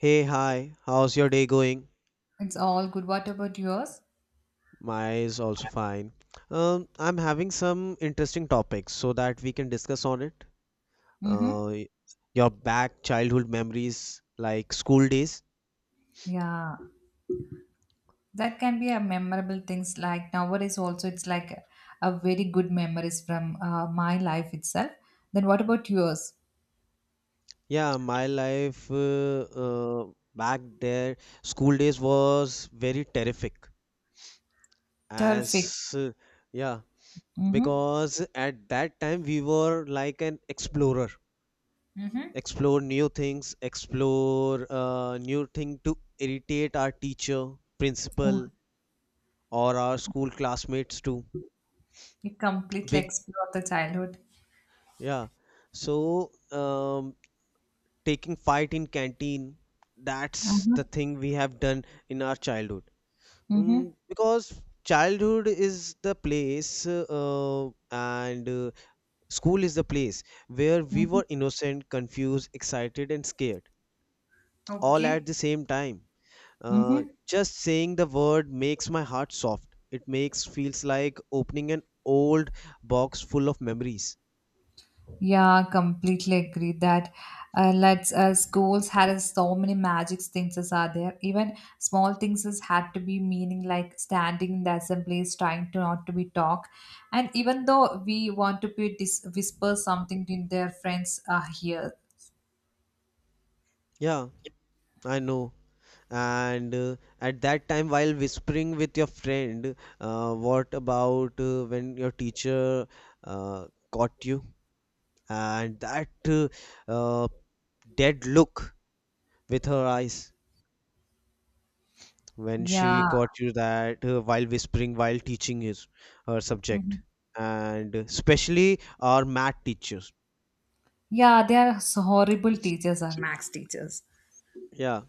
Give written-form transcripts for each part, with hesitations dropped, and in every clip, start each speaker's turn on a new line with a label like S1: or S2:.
S1: Hey, hi. How's your day going?
S2: It's all good. What about yours?
S1: My is also fine. I'm having some interesting topics so that we can discuss on it.
S2: Mm-hmm.
S1: Uh, y- your back childhood memories like school days.
S2: Yeah, that can be a memorable things. Like nowadays, also it's like a very good memories from my life itself. Then what about yours?
S1: Yeah, my life back there, school days was very terrific.
S2: Terrific.
S1: As Yeah,
S2: Mm-hmm.
S1: because at that time we were like an explorer.
S2: Mm-hmm.
S1: Explore new things, explore new thing to irritate our teacher,
S2: Oh,
S1: principal, or our school classmates too.
S2: you completely
S1: With
S2: explore the childhood.
S1: yeah, so taking fight in canteen, that's the
S2: Mm-hmm.
S1: thing we have done in our childhood.
S2: Mm-hmm.
S1: Because childhood is the place and school is the place where we
S2: Mm-hmm.
S1: were innocent, confused, excited, and scared all at the
S2: Okay.
S1: same time.
S2: Mm-hmm.
S1: Just saying the word makes my heart soft. It makes feels like opening an old box full of memories.
S2: Yeah, completely agree that let's schools had so many magic things as are there. Even small things has had to be meaning like standing in the assemblies, trying to not to be talk, and even though we want to be whisper something to their friends here.
S1: Yeah, I know. And at that time, while whispering with your friend, what about when your teacher caught you and that uh, dead look with her eyes? When she
S2: Yeah.
S1: caught you that while whispering while teaching his her subject,
S2: Mhm.
S1: and especially our math teachers.
S2: Yeah, they are so horrible teachers are max teachers.
S1: Yeah,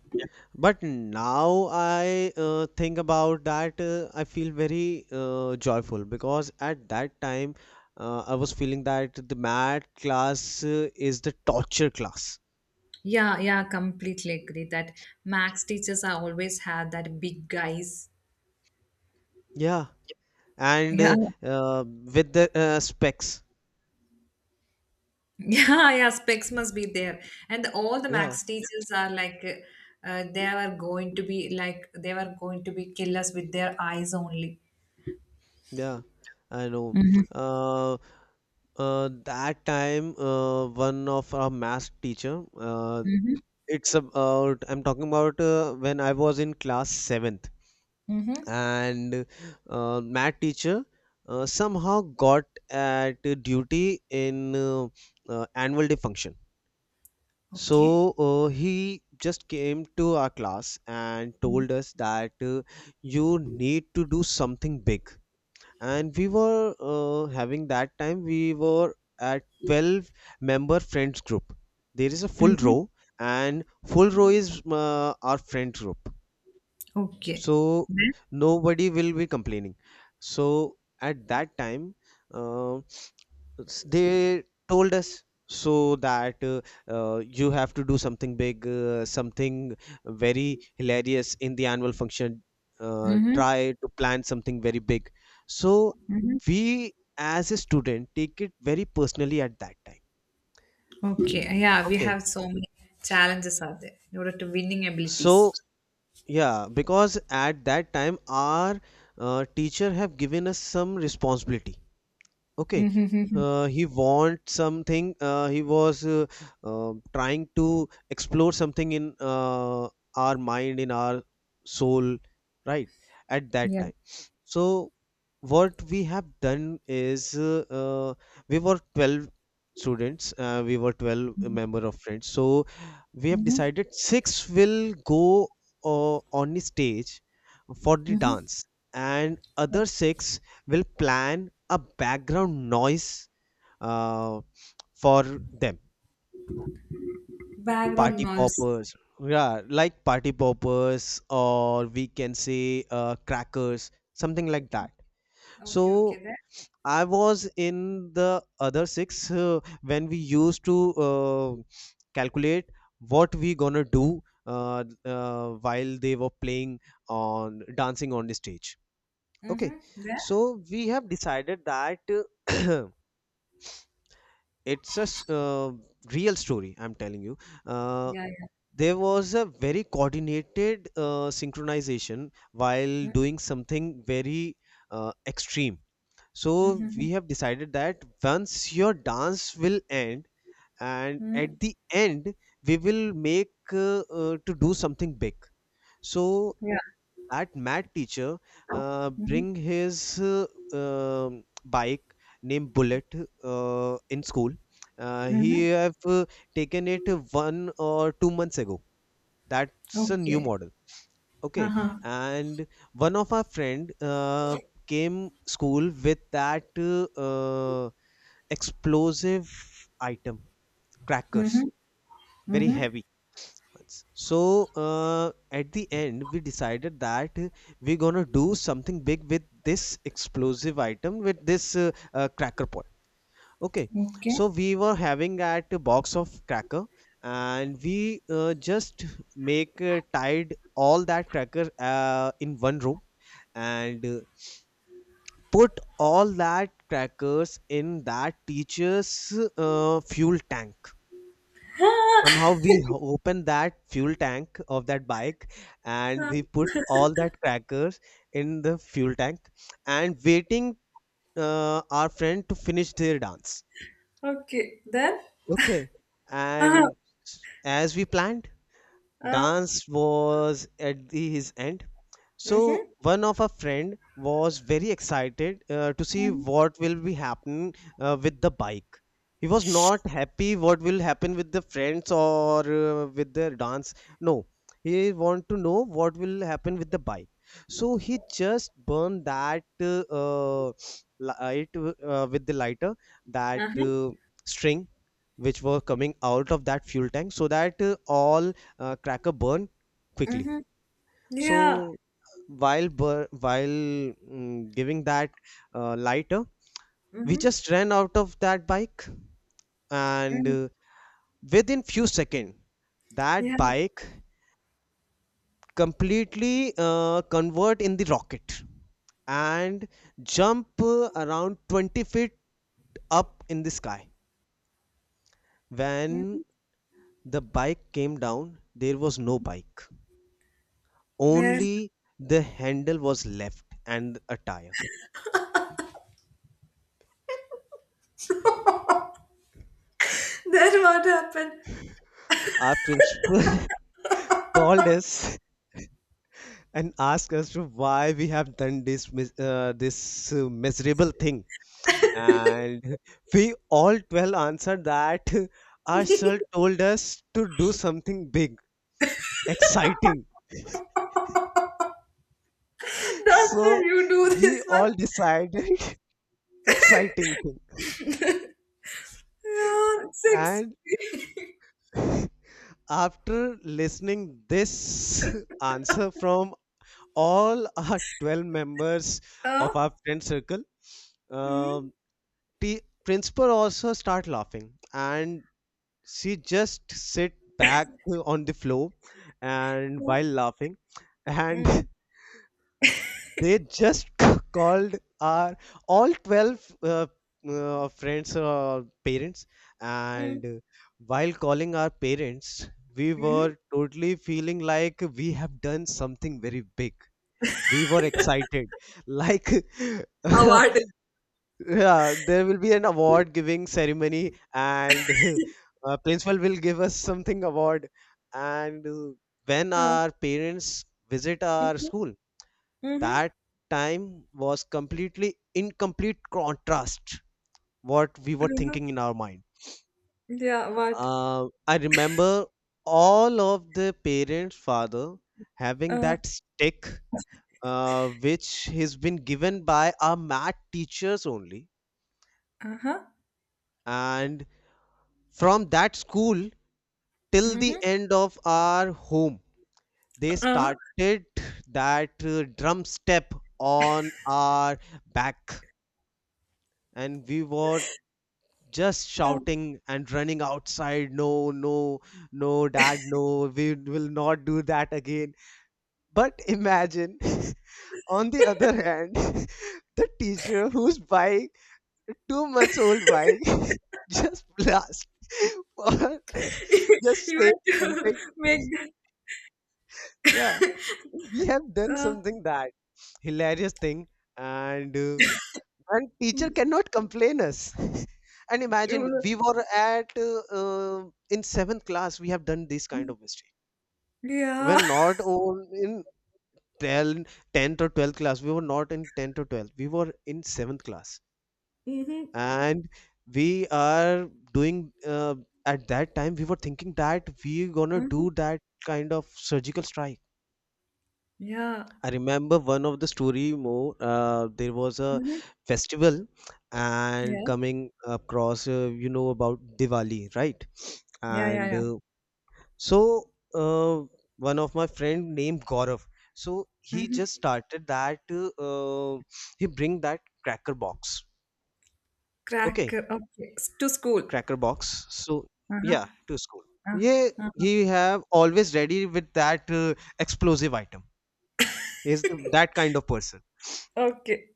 S1: but now I think about that I feel very joyful, because at that time I was feeling that the math class is the torture class.
S2: Yeah, yeah, completely agree that max teachers are always have that big guys.
S1: Yeah, and
S2: Yeah.
S1: uh, uh, with the specs.
S2: Yeah, yeah, specs must be there. And all the
S1: Yeah.
S2: max teachers are like, they were going to be like, they were going to be killers with their eyes only.
S1: Yeah, I know.
S2: Mm-hmm.
S1: Uh, that time, one of our math teacher,
S2: Mm-hmm.
S1: it's about, I'm talking about when I was in class seventh,
S2: Mm-hmm.
S1: and math teacher somehow got at duty in annual day function.
S2: Okay.
S1: So he just came to our class and told us that you need to do something big, and we were having that time we were at 12-member friends group. There is a full
S2: Mm-hmm.
S1: row, and full row is our friend group,
S2: Okay.
S1: so
S2: Then,
S1: nobody will be complaining. So at that time, uh, they told us so that you have to do something big, something very hilarious in the annual function.
S2: Mm-hmm.
S1: Try to plan something very big. So
S2: Mm-hmm.
S1: we as a student take it very personally at that time.
S2: Okay. Yeah, we
S1: Okay,
S2: have so many challenges out there in order to winning
S1: so
S2: abilities.
S1: yeah, because at that time our teacher have given us some responsibility. Okay,
S2: Mm-hmm.
S1: he wants something. He was trying to explore something in our mind, in our soul, right? At that
S2: Yeah.
S1: time. So, what we have done is we were 12 students, we were 12 member of friends. So, we have
S2: Mm-hmm.
S1: decided six will go on the stage for the
S2: Mm-hmm.
S1: dance, and other six will plan a background noise uh, for them.
S2: Background
S1: Party
S2: noise.
S1: poppers, yeah, like party poppers, or we can say crackers, something like that. So
S2: Okay, okay. There.
S1: I was in the other six when we used to uh, calculate what we gonna do, while they were playing on dancing on the stage. Okay,
S2: Mm-hmm. There.
S1: so we have decided that it's a real story I'm telling you. uh,
S2: Yeah, yeah.
S1: there was a very coordinated synchronization while doing something very extreme. So
S2: Mm-hmm.
S1: we
S2: Mm-hmm.
S1: have decided that once your dance will end and
S2: Mm-hmm.
S1: at the end, we will make to do something big. So
S2: Yeah.
S1: that mad teacher bring his bike named Bullet in school.
S2: Mm-hmm.
S1: He have taken it one or two months ago. That's a new
S2: Okay.
S1: model. Okay,
S2: Uh-huh.
S1: and one of our friend came school with that uh, explosive item,
S2: Mm-hmm.
S1: crackers, very
S2: Mm-hmm.
S1: heavy once. So at the end, we decided that we're gonna do something big with this explosive item, with this cracker pot. Okay,
S2: Okay.
S1: so we were having at a box of cracker, and we just make tied all that cracker in one room, and put all that crackers in that teacher's fuel tank. somehow we h- opened that fuel tank of that bike, and
S2: Uh,
S1: we put all that crackers in the fuel tank and waiting our friend to finish their dance.
S2: okay. Then?
S1: Okay,
S2: Uh-huh.
S1: and as we planned,
S2: Uh,
S1: dance was at the, his end. So
S2: mm-hmm.
S1: one of our friend was very excited to see
S2: Mm-hmm.
S1: what will be happening with the bike. He was not happy what will happen with the friends or with the dance. No, he want to know what will happen with the bike. So he just burned that uh, light with the lighter, that
S2: Uh-huh.
S1: string which were coming out of that fuel tank so that all cracker burn quickly.
S2: Mm-hmm.
S1: So
S2: Yeah.
S1: while giving that lighter, we
S2: Mm-hmm.
S1: just ran out of that bike, and
S2: Mm.
S1: within few seconds that
S2: Yeah.
S1: bike completely convert in the rocket and jump around 20 feet up in the sky. When the bike came down, there was no bike.
S2: Well,
S1: Only the handle was left and a tire.
S2: then what happened?
S1: Our principal called us and ask us to why we have done this this miserable thing, and we all 12 answered that our sir told us to do something big, exciting.
S2: That's
S1: So
S2: when you do
S1: we
S2: this one.
S1: all decided exciting thing.
S2: Yeah, six.
S1: And after listening this answer from all our 12 members
S2: Uh,
S1: of our friend circle,
S2: mm-hmm.
S1: um, the principal also start laughing, and she just sit back on the floor and
S2: Yeah.
S1: while laughing. And
S2: Mm-hmm.
S1: they just called our all 12 friends parents. And while calling our parents, we
S2: Mm-hmm.
S1: were totally feeling like we have done something very big. We were excited like
S2: What?
S1: yeah, there will be an award giving ceremony, and principal will give us something award. And when
S2: Uh,
S1: our parents visit our
S2: mm-hmm.
S1: school,
S2: Mm-hmm.
S1: that time was completely in complete contrast what we were
S2: Mm-hmm.
S1: thinking in our mind.
S2: Yeah, what?
S1: I remember all of the parents' father having
S2: Uh,
S1: that stick, which has been given by our math teachers only,
S2: Uh-huh.
S1: and from that school till the
S2: Mm-hmm.
S1: end of our home. They
S2: Uh,
S1: started that drum step on our back, and we were just
S2: uh.
S1: shouting and running outside. No, no, no, dad, no, we will not do that again. But imagine on the other hand the teacher whose bike, 2 months old bike, just blast for just
S2: You
S1: say
S2: want to
S1: something.
S2: make that
S1: Yeah, we have done
S2: uh,
S1: something that hilarious thing. And and
S2: mm,
S1: teacher cannot complain us. And imagine
S2: yeah.
S1: we were at in seventh class we have done this kind of mistake. We're not on in 10 10th or 12th class. We were not in 10th or 12th, we were in seventh class.
S2: Mm-hmm.
S1: And we are doing at that time we were thinking that we gonna do
S2: Mm-hmm.
S1: that kind of surgical strike.
S2: Yeah.
S1: I remember one of the story more. There was a
S2: Mm-hmm.
S1: festival, and
S2: Yeah.
S1: coming across, you know about Diwali, right?
S2: Yeah, yeah,
S1: And
S2: yeah.
S1: so uh, one of my friend named Gaurav. So he just
S2: Mm-hmm.
S1: started that. Uh, he bring that cracker box. Okay,
S2: Cracker. Okay. S- To school.
S1: cracker box. So
S2: Uh-huh.
S1: yeah, to school.
S2: Uh,
S1: Yeah,
S2: uh-huh.
S1: he have always ready with that explosive item. Is that kind of person?
S2: Okay.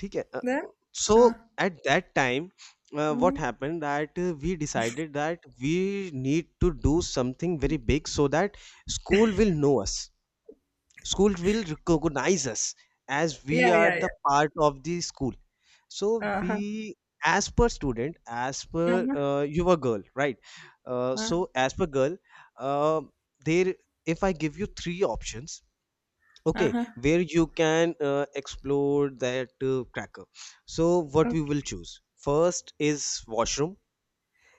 S1: ठीक है अ,
S2: Then
S1: so
S2: uh,
S1: at that time
S2: mm-hmm.
S1: what happened that we decided that we need to do something very big so that school will know us, school will recognize us, as we
S2: Yeah,
S1: are
S2: yeah, yeah.
S1: the part of the school. So
S2: Uh-huh.
S1: we as per student, as per
S2: Uh-huh.
S1: you were girl, right?
S2: Uh,
S1: So as per girl, uh, there, if I give you three options, okay,
S2: uh-huh.
S1: where you can explore that cracker, so what we
S2: Okay.
S1: will choose. First is washroom,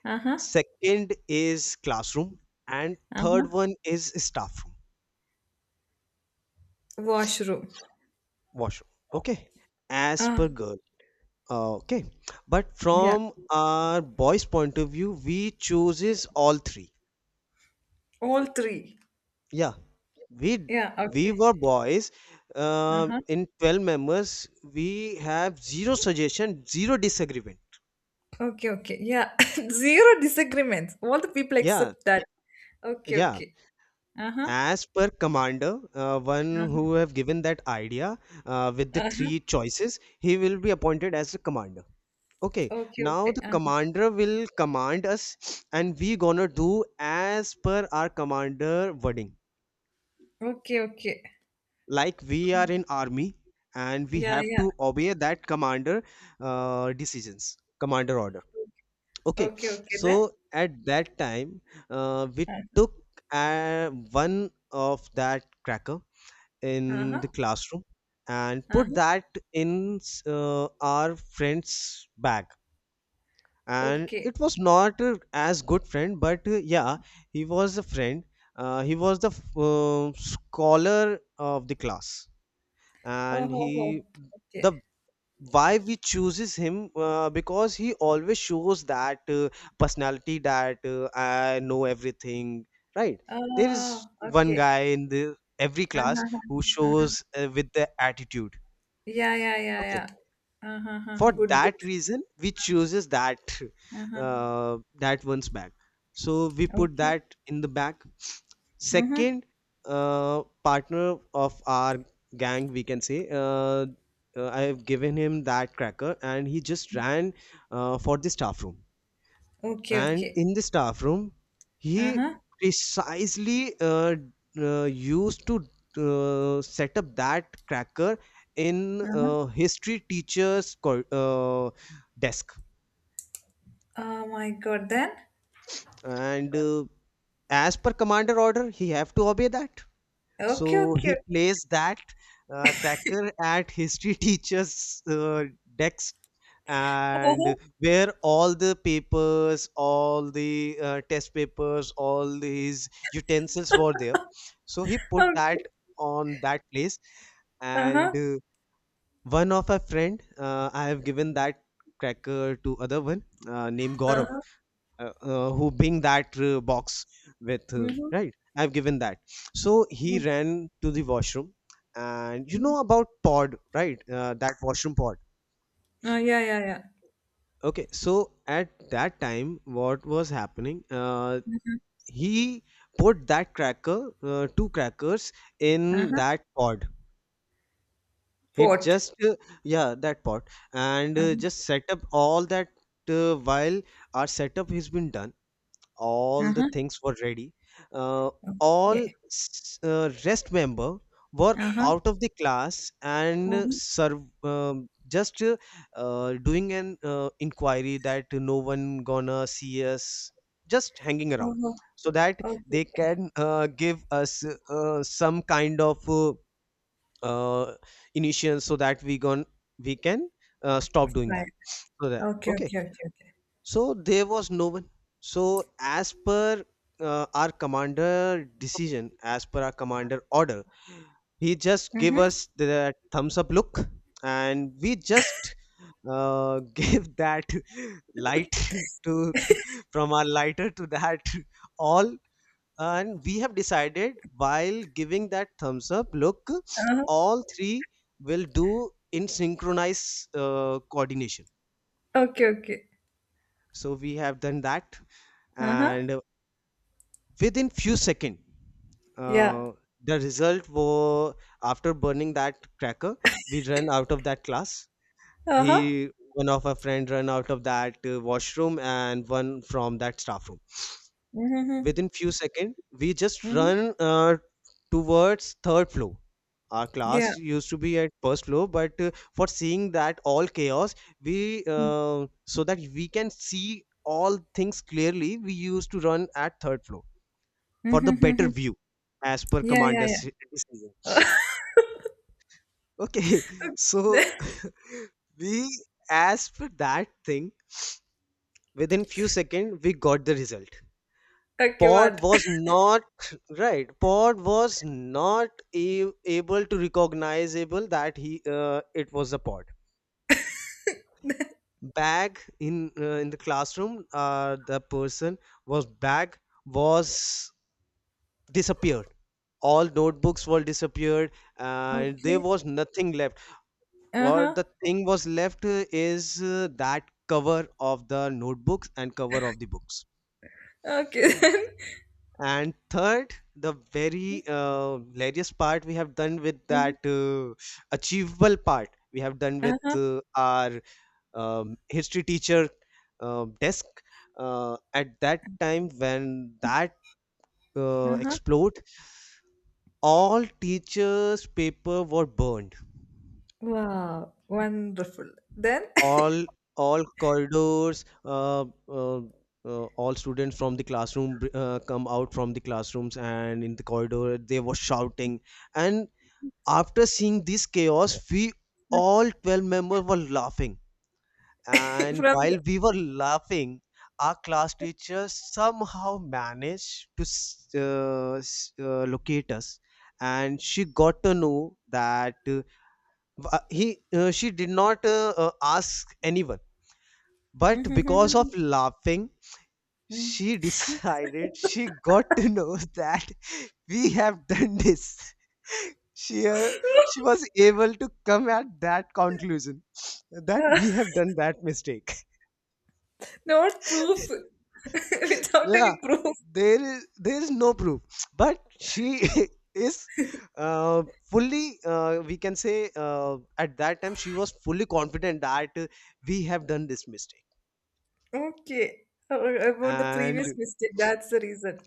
S2: Uh-huh.
S1: second is classroom, and
S2: Uh-huh.
S1: third one is staff room.
S2: Washroom.
S1: Washroom, okay, as
S2: Uh,
S1: per girl. Okay, but
S2: yeah.
S1: from our boys point of view, we chooses all three.
S2: All three.
S1: Yeah, we
S2: Yeah,
S1: we
S2: okay.
S1: were boys uh,
S2: Uh-huh.
S1: in 12 members. We have zero suggestion, zero disagreement.
S2: Okay, okay. Yeah. Zero disagreements. All the people
S1: Yeah.
S2: accept that. Okay,
S1: Yeah.
S2: okay. Uh-huh.
S1: As per commander, one
S2: Uh-huh.
S1: who have given that idea with the
S2: Uh,
S1: three choices, he will be appointed as the commander. Okay,
S2: okay,
S1: now
S2: okay.
S1: the
S2: Uh-huh.
S1: commander will command us, and we gonna do as per our commander wording.
S2: Okay, okay.
S1: Like we are in army, and we
S2: Yeah,
S1: have
S2: yeah.
S1: to obey that commander decisions, commander order. Okay,
S2: Okay, okay then.
S1: so at that time, we
S2: Uh,
S1: took one of that cracker in the
S2: Uh-huh.
S1: classroom, and put
S2: Uh-huh.
S1: that in our friend's bag. And
S2: Okay.
S1: it was not as good friend, but yeah, he was a friend. He was the scholar of the class.
S2: Oh,
S1: And
S2: ho,
S1: he
S2: ho. Okay.
S1: the why we chooses him, because he always shows that personality, that I know everything, right? There is
S2: Oh,
S1: one
S2: okay.
S1: guy in the every class
S2: Uh-huh. Uh-huh.
S1: who
S2: Uh-huh.
S1: shows with the attitude.
S2: Yeah, yeah, yeah,
S1: Okay,
S2: yeah. Uh-huh, uh-huh.
S1: for
S2: Good, good.
S1: that reason we chooses that,
S2: Uh-huh.
S1: that one's bag. So we put
S2: Okay.
S1: that in the bag.
S2: Uh-huh.
S1: Second partner of our gang, we can say. I have given him that cracker, and he just ran for the staff room.
S2: Okay,
S1: And
S2: okay.
S1: in the staff room, he
S2: Uh-huh.
S1: precisely used to set up that cracker in
S2: Uh-huh.
S1: history teacher's desk.
S2: Oh my God, then?
S1: And as per commander order, he have to obey that. So
S2: Okay,
S1: he
S2: okay.
S1: plays that cracker at history teacher's desk, and
S2: Uh-huh.
S1: where all the papers, all the test papers, all these utensils were there. So he put
S2: Okay.
S1: that on that place.
S2: Uh-huh.
S1: And one of a friend, I have given that cracker to other one named Gaurav,
S2: Uh-huh.
S1: who bing that box with
S2: Mm-hmm.
S1: right, I've given that. So
S2: Mm-hmm.
S1: he ran to the washroom. And you know about pod, right? That washroom pod.
S2: Oh, yeah, yeah, yeah.
S1: Okay, so at that time what was happening,
S2: Uh-huh,
S1: he put that cracker, two crackers, in
S2: uh-huh.
S1: that pod. It
S2: Port.
S1: just yeah, that pod. And
S2: Uh-huh.
S1: just set up all that. While our setup has been done, all the
S2: Uh-huh.
S1: things were ready. Uh, all
S2: Okay.
S1: rest member were
S2: Uh-huh.
S1: out of the class, and serve, just doing an inquiry that no one gonna see us, just hanging around,
S2: Uh-huh.
S1: so that
S2: Uh-huh. Okay,
S1: they
S2: okay.
S1: can give us some kind of uh, initial, so that we can stop doing that.
S2: Fine.
S1: So that,
S2: Okay,
S1: okay,
S2: okay, okay, okay.
S1: so there was no one. So as per our commander decision, as per our commander order, he just gave
S2: Mm-hmm.
S1: us the thumbs up look. And we just gave that light to from our lighter to that all. And we have decided, while giving that thumbs up look,
S2: Uh-huh.
S1: all three will do in synchronized coordination.
S2: Okay, okay.
S1: So we have done that.
S2: Uh-huh.
S1: And within few seconds
S2: Yeah.
S1: uh, the result were, after burning that cracker, we ran out of that class.
S2: Uh-huh.
S1: He One of our friend ran out of that washroom, and one from that staff room.
S2: Mm-hmm.
S1: Within few seconds we just
S2: Mm-hmm.
S1: run towards third floor. Our class
S2: Yeah.
S1: used to be at first floor, but for seeing that all chaos, we
S2: Mm-hmm.
S1: so that we can see all things clearly, we used to run at third floor for the better
S2: Mm-hmm.
S1: view, as per
S2: Yeah, yeah,
S1: commander's
S2: yeah.
S1: decision. Okay, so we, as per that thing, within few seconds, we got the result.
S2: Okay,
S1: Pod
S2: what?
S1: was not right. Pod was not able to recognizable that he it was a pod. Bag in In the classroom, the person was bag was disappeared. All notebooks were disappeared, and there
S2: Okay.
S1: was nothing left. Or
S2: Uh-huh.
S1: the thing was left is that cover of the notebooks and cover of the books.
S2: Okay. Then.
S1: And third, the very hilarious part we have done with
S2: Mhm.
S1: that, achievable part we have done with
S2: Uh-huh.
S1: our history teacher desk. At that time, when that
S2: Uh-huh.
S1: explode, all teachers paper were burned.
S2: Wow. Wonderful. Then
S1: All all corridors, all students from the classroom come out from the classrooms, and in the corridor they were shouting. And after seeing this chaos, we all 12 members were laughing. And
S2: from
S1: while
S2: the
S1: we were laughing, our class teacher somehow managed to locate us. And she got to know that, w- he she did not ask anyone, but because of
S2: Mhm.
S1: laughing,
S2: Mhm.
S1: she decided, she got to know that we have done this. She, uh, she was able to come at that conclusion that we have done that mistake.
S2: not proof. Without
S1: Yeah,
S2: any proof.
S1: there is no proof, but she is uh, fully. We can say, at that time she was fully confident that we have done this mistake.
S2: Okay. Oh, about the previous
S1: And
S2: mistake, that's the reason.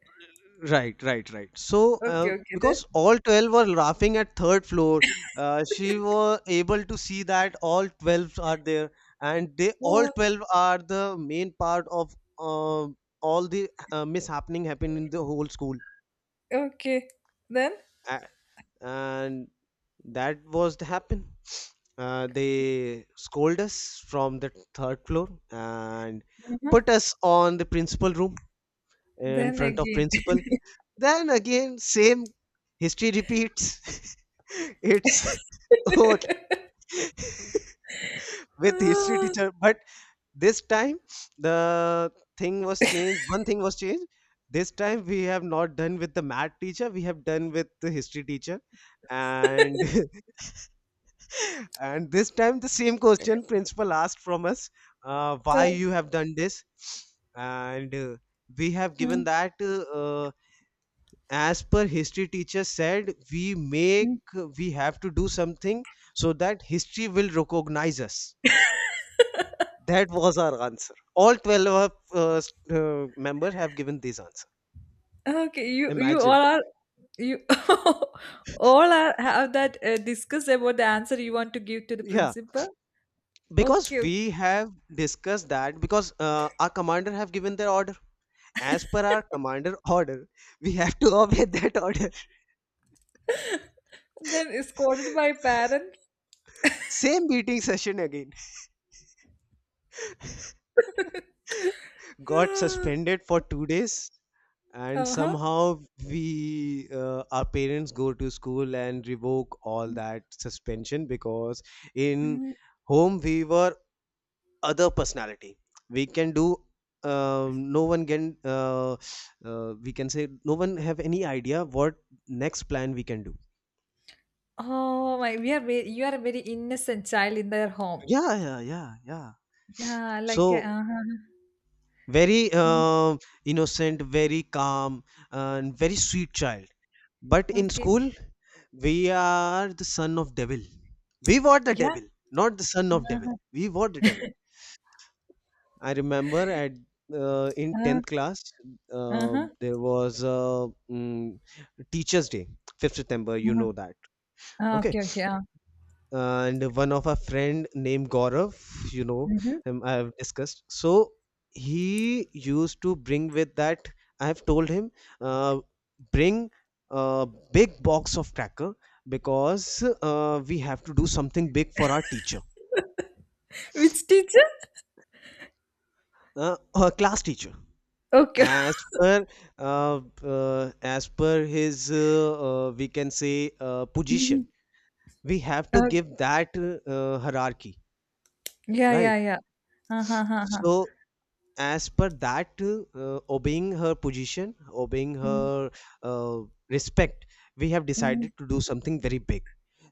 S1: right, right, right. So,
S2: Okay, okay
S1: because
S2: then.
S1: all 12 were laughing at third floor, she was able to see that all 12 are there, and they all
S2: Oh,
S1: 12 are the main part of all the mishappening happened in the whole school.
S2: okay. Then
S1: A- And that was the happen. They scold us from the third floor and
S2: uh-huh.
S1: put us on the principal room, in
S2: Then
S1: front of
S2: again.
S1: principal. Then again, same history repeats. It's old with history teacher, but this time the thing was changed. One thing was changed. This time we have not done with the math teacher, we have done with the history teacher. And and this time the same question principal asked from us,
S2: Ah,
S1: why you have done this. And we have given
S2: mm,
S1: that. As per history teacher said,
S2: mm.
S1: we have to do something so that history will recognize us. That was our answer. All 12 of members have given this answer.
S2: Ah, okay, you
S1: Imagine,
S2: all are you all are have that discuss about the answer you want to give to the
S1: yeah,
S2: principal.
S1: because
S2: Okay, okay.
S1: we have discussed that, because our commander have given their order. As per our commander order, we have to obey that order.
S2: Then is scolded by parents.
S1: Same meeting session again. Got suspended for 2 days. And
S2: Uh-huh.
S1: somehow, we our parents go to school and revoke all that suspension, because in
S2: Mm.
S1: home we were other personality, we can do. No one can, we can say, no one have any idea what next plan we can do.
S2: Oh my, we are very, you are a very innocent child in their home.
S1: Yeah, yeah, yeah, yeah.
S2: Yeah, like
S1: So
S2: uh-huh.
S1: very innocent, very calm, and very sweet child. But
S2: Uh,
S1: in
S2: okay,
S1: school, we are the son of devil. We were the
S2: yeah.
S1: devil, not the son of devil.
S2: Uh-huh.
S1: We were the devil. I remember at in
S2: Uh,
S1: tenth class,
S2: uh-huh.
S1: there was a Teachers' Day, 5th September. You
S2: Uh-huh.
S1: know that,
S2: Ah,
S1: okay?
S2: okay, okay.
S1: And one of our friend named Gaurav, you know,
S2: Hmm.
S1: I have discussed. So he used to bring with that. I have told him, uh, bring a big box of cracker, because we have to do something big for our teacher,
S2: Which teacher?
S1: our class teacher.
S2: Okay.
S1: As per as per his, we can say, position, we have to
S2: Mhm.
S1: give that hierarchy,
S2: Yeah,
S1: right?
S2: yeah, yeah. Uh huh, uh huh.
S1: So as per that, obeying her position, obeying
S2: Mm,
S1: her uh, respect, we have
S2: mm.
S1: decided to do something very big.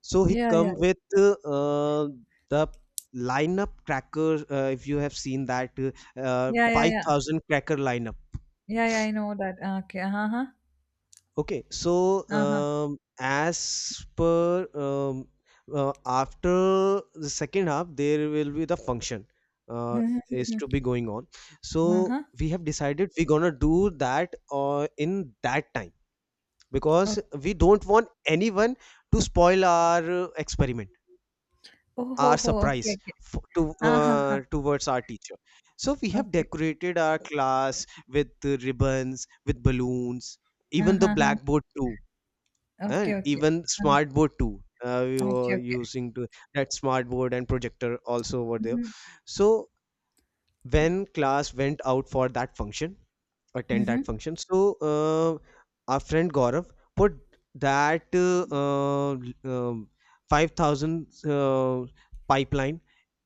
S1: So he
S2: Yeah,
S1: come
S2: yeah,
S1: with the lineup cracker, if you have seen that
S2: yeah, yeah, yeah,
S1: 5,000 cracker lineup.
S2: yeah, yeah. I know that. Okay. Uh huh.
S1: Okay, so
S2: Uh huh.
S1: as per, after the second half, there will be the function uh,
S2: Mm-hmm,
S1: is
S2: mm-hmm.
S1: to be going on.
S2: Uh
S1: So
S2: huh.
S1: we have decided we're gonna do that in that time, because
S2: Okay.
S1: we don't want anyone to spoil our experiment,
S2: Oh,
S1: our
S2: ho, ho.
S1: surprise
S2: Okay, okay.
S1: f to
S2: Uh huh.
S1: towards our teacher. So we have
S2: Okay.
S1: decorated our class with ribbons, with balloons,
S2: Uh
S1: even the
S2: huh.
S1: blackboard too,
S2: Okay,
S1: and
S2: okay.
S1: even
S2: Um,
S1: smart board too, we
S2: okay,
S1: were
S2: okay.
S1: using to that smart board and projector also over there.
S2: Mm-hmm.
S1: So when class went out for that function, attend
S2: Mm-hmm.
S1: that function, so our friend Gaurav put that um, 5,000 pipeline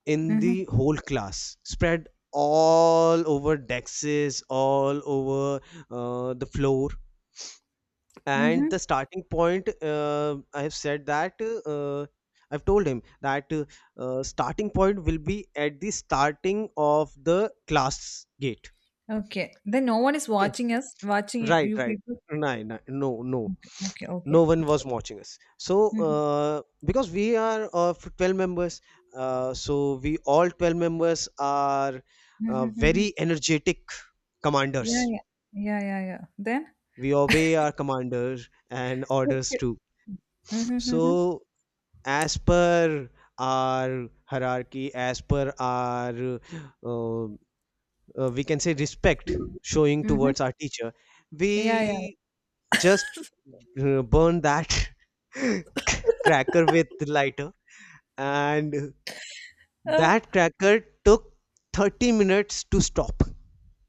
S1: in
S2: Mm-hmm.
S1: the whole class, spread all over dexes, all over the floor. And
S2: Mm-hmm.
S1: the starting point, I have said that, uh, I've told him that, starting point will be at the starting of the class gate.
S2: Okay. Then no one is
S1: Okay,
S2: watching us, watching you
S1: right,
S2: you
S1: right.
S2: people.
S1: No, no, no, no,
S2: Okay, okay,
S1: no
S2: okay.
S1: one was watching us. So,
S2: Mm-hmm.
S1: because we are of 12 members, so we all 12 members are
S2: Mm-hmm. Mm-hmm.
S1: very energetic
S2: Yeah,
S1: commanders.
S2: yeah, yeah, yeah, yeah. Then.
S1: We obey our commanders and
S2: Okay.
S1: orders too.
S2: Mm-hmm. Mm-hmm.
S1: So, as per our hierarchy, as per our, uh, we can say, respect showing
S2: Mm-hmm.
S1: towards our teacher,
S2: Yeah, yeah.
S1: we just burn that cracker with lighter. And
S2: Uh,
S1: that cracker took 30 minutes to stop.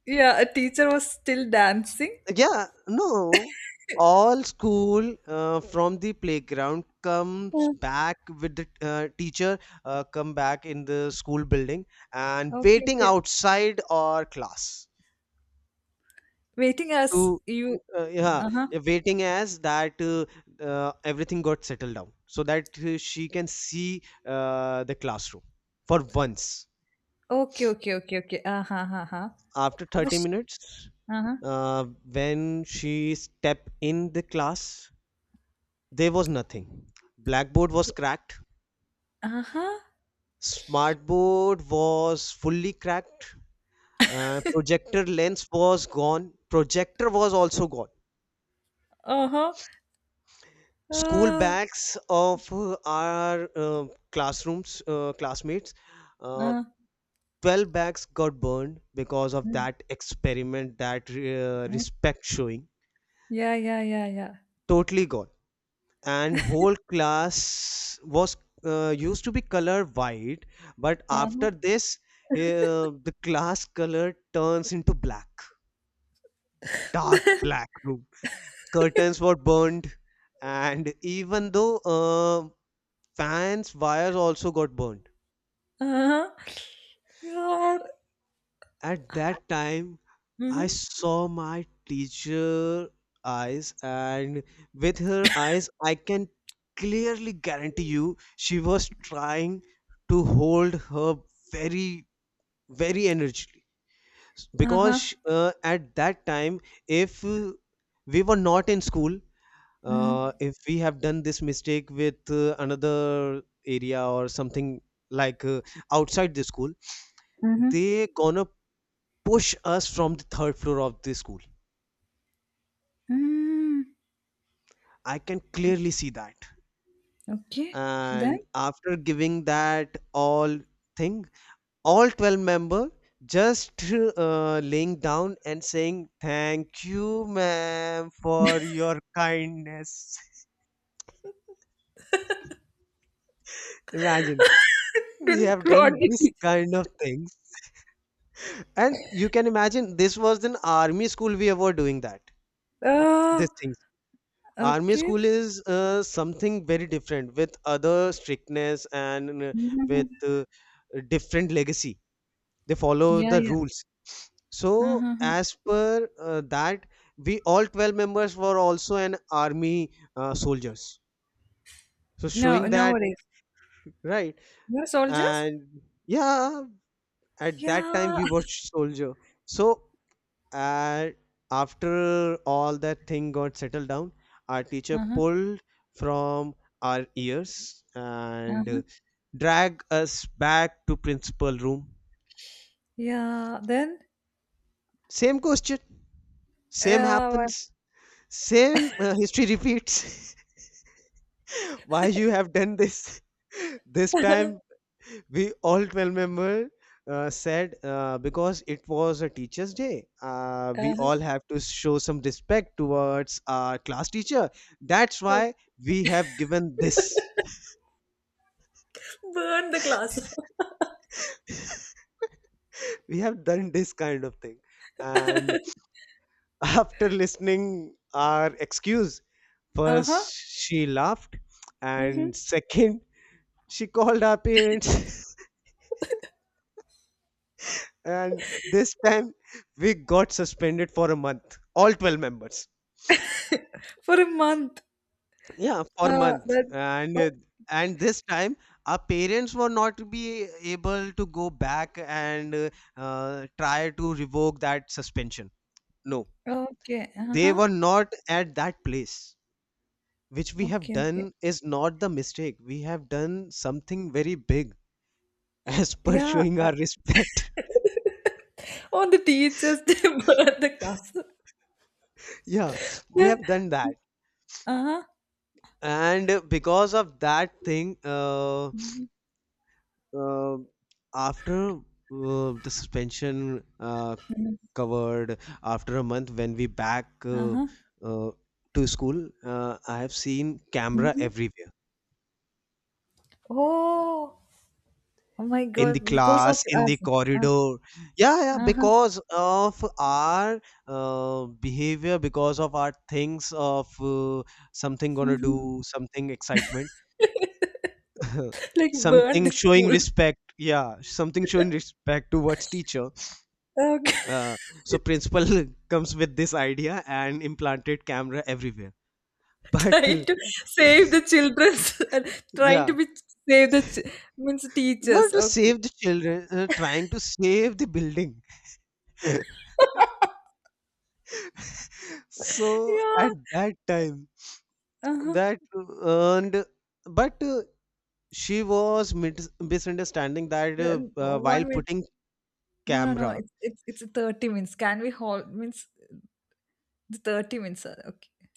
S2: yeah, a teacher was still dancing.
S1: Yeah, no, all school from the playground comes
S2: Uh,
S1: back with the teacher, come back in the school building, and
S2: Okay,
S1: waiting
S2: okay.
S1: outside our class
S2: Waiting
S1: to
S2: as you.
S1: yeah,
S2: Uh-huh.
S1: waiting as that, everything got settled down, so that she can see the classroom for once.
S2: Okay, okay, okay, okay. Uh-huh, uh-huh.
S1: After
S2: അപ്പൊ
S1: 30
S2: ശ്-
S1: minutes,
S2: Aaha,
S1: uh, when she step in the class, there was nothing. Blackboard was cracked.
S2: Aaha,
S1: Smartboard was fully cracked. Projector lens was gone. Projector was also gone.
S2: ഓഹോ, ആ,
S1: School bags of our classrooms, classmates,
S2: ആ,
S1: uh, 12 bags got burned because of
S2: ഉം,
S1: that experiment, that
S2: ഉം.
S1: respect showing.
S2: Yeah, yeah, yeah, yeah.
S1: Totally gone. And whole class was used to be color white, but after
S2: Uh-huh.
S1: this the class color turns into black, dark black room. Curtains were burned, and even though fans wires also got burned.
S2: Uh-huh. God.
S1: At that time I
S2: Mm-hmm.
S1: saw my teacher eyes, and with her eyes I can clearly guarantee you she was trying to hold her very, very energetically.
S2: Uh-huh.
S1: Because at that time, if we were not in school,
S2: Mm-hmm.
S1: if we have done this mistake with another area or something, like outside the school,
S2: Mm-hmm.
S1: they gonna push us from the third floor of the school.
S2: Mm.
S1: I can clearly see that.
S2: Okay.
S1: And
S2: Then?
S1: after giving that all thing, all 12-member just laying down and saying, "Thank you, ma'am, for your kindness." Imagine, we
S2: Didn't
S1: have
S2: want
S1: done this
S2: it.
S1: kind of things. And you can imagine this was an army school we were doing that.
S2: Ah.
S1: These things. Army
S2: Okay.
S1: school is something very different, with other strictness and with
S2: Mhm.
S1: different legacy, they follow
S2: Yeah,
S1: the
S2: yeah.
S1: rules. So
S2: Uh-huh.
S1: as per that, we all 12 members were also an army soldiers, so
S2: Now
S1: showing that,
S2: nowadays.
S1: right.
S2: You're soldiers?
S1: And yeah, at that time
S2: Yeah.
S1: we were soldier. So uh, after all that thing got settled down, our teacher
S2: Uh-huh.
S1: pulled from our ears, and
S2: Uh-huh.
S1: drag us back to principal room.
S2: Yeah. Then
S1: Same question, same
S2: uh,
S1: happens. Same history repeats. Why you have done this? This time we all 12 member said, because it was a teacher's day, we
S2: uh-huh.
S1: all have to show some respect towards our class teacher, that's why
S2: Okay.
S1: we have given this.
S2: Burn the class.
S1: We have done this kind of thing. And after listening our excuse, first
S2: Uh-huh.
S1: she laughed, and
S2: Mm-hmm.
S1: second she called our parents. And this time we got suspended for a month, all 12 members.
S2: For a month.
S1: Yeah, for a month.
S2: That
S1: And uh,
S2: oh,
S1: and this time our parents were not to be able to go back and try to revoke that suspension. No,
S2: okay.
S1: they
S2: Uh-huh.
S1: were not at that place. Which we have
S2: Okay, okay.
S1: done is not the mistake, we have done something very big. As per
S2: Yeah.
S1: showing
S2: Uh,
S1: our respect,
S2: all the teachers they burn the class.
S1: yeah, we
S2: Yeah.
S1: have done that.
S2: Uh-huh.
S1: And because of that thing,
S2: Mhm.
S1: uh, after the suspension covered, after a month when we back
S2: Uh-huh.
S1: uh, to school, I have seen camera
S2: Mm-hmm.
S1: everywhere,
S2: Oh, oh my
S1: in the
S2: God! Because of
S1: class, in the
S2: us. Uh,
S1: corridor. Yeah, yeah,
S2: uh-huh.
S1: because of our behavior, because of our things of something gonna
S2: Mhm.
S1: do, something excitement,
S2: Like burn
S1: something
S2: the
S1: showing
S2: school.
S1: respect, yeah, something showing respect towards teacher.
S2: Okay.
S1: uh, so principal comes with this idea and implanted camera everywhere. But
S2: Trying to save the children and trying to
S1: yeah,
S2: be save the means
S1: not
S2: teachers
S1: to
S2: okay.
S1: save the children, trying to save the building. So at
S2: Yeah.
S1: that time
S2: Uh-huh.
S1: that earned, but she was misunderstanding that,
S2: Then
S1: while
S2: 1 minute.
S1: putting
S2: No, no, no.
S1: camera
S2: It's 30 minutes. Can we hold means the 30 minutes? Are okay.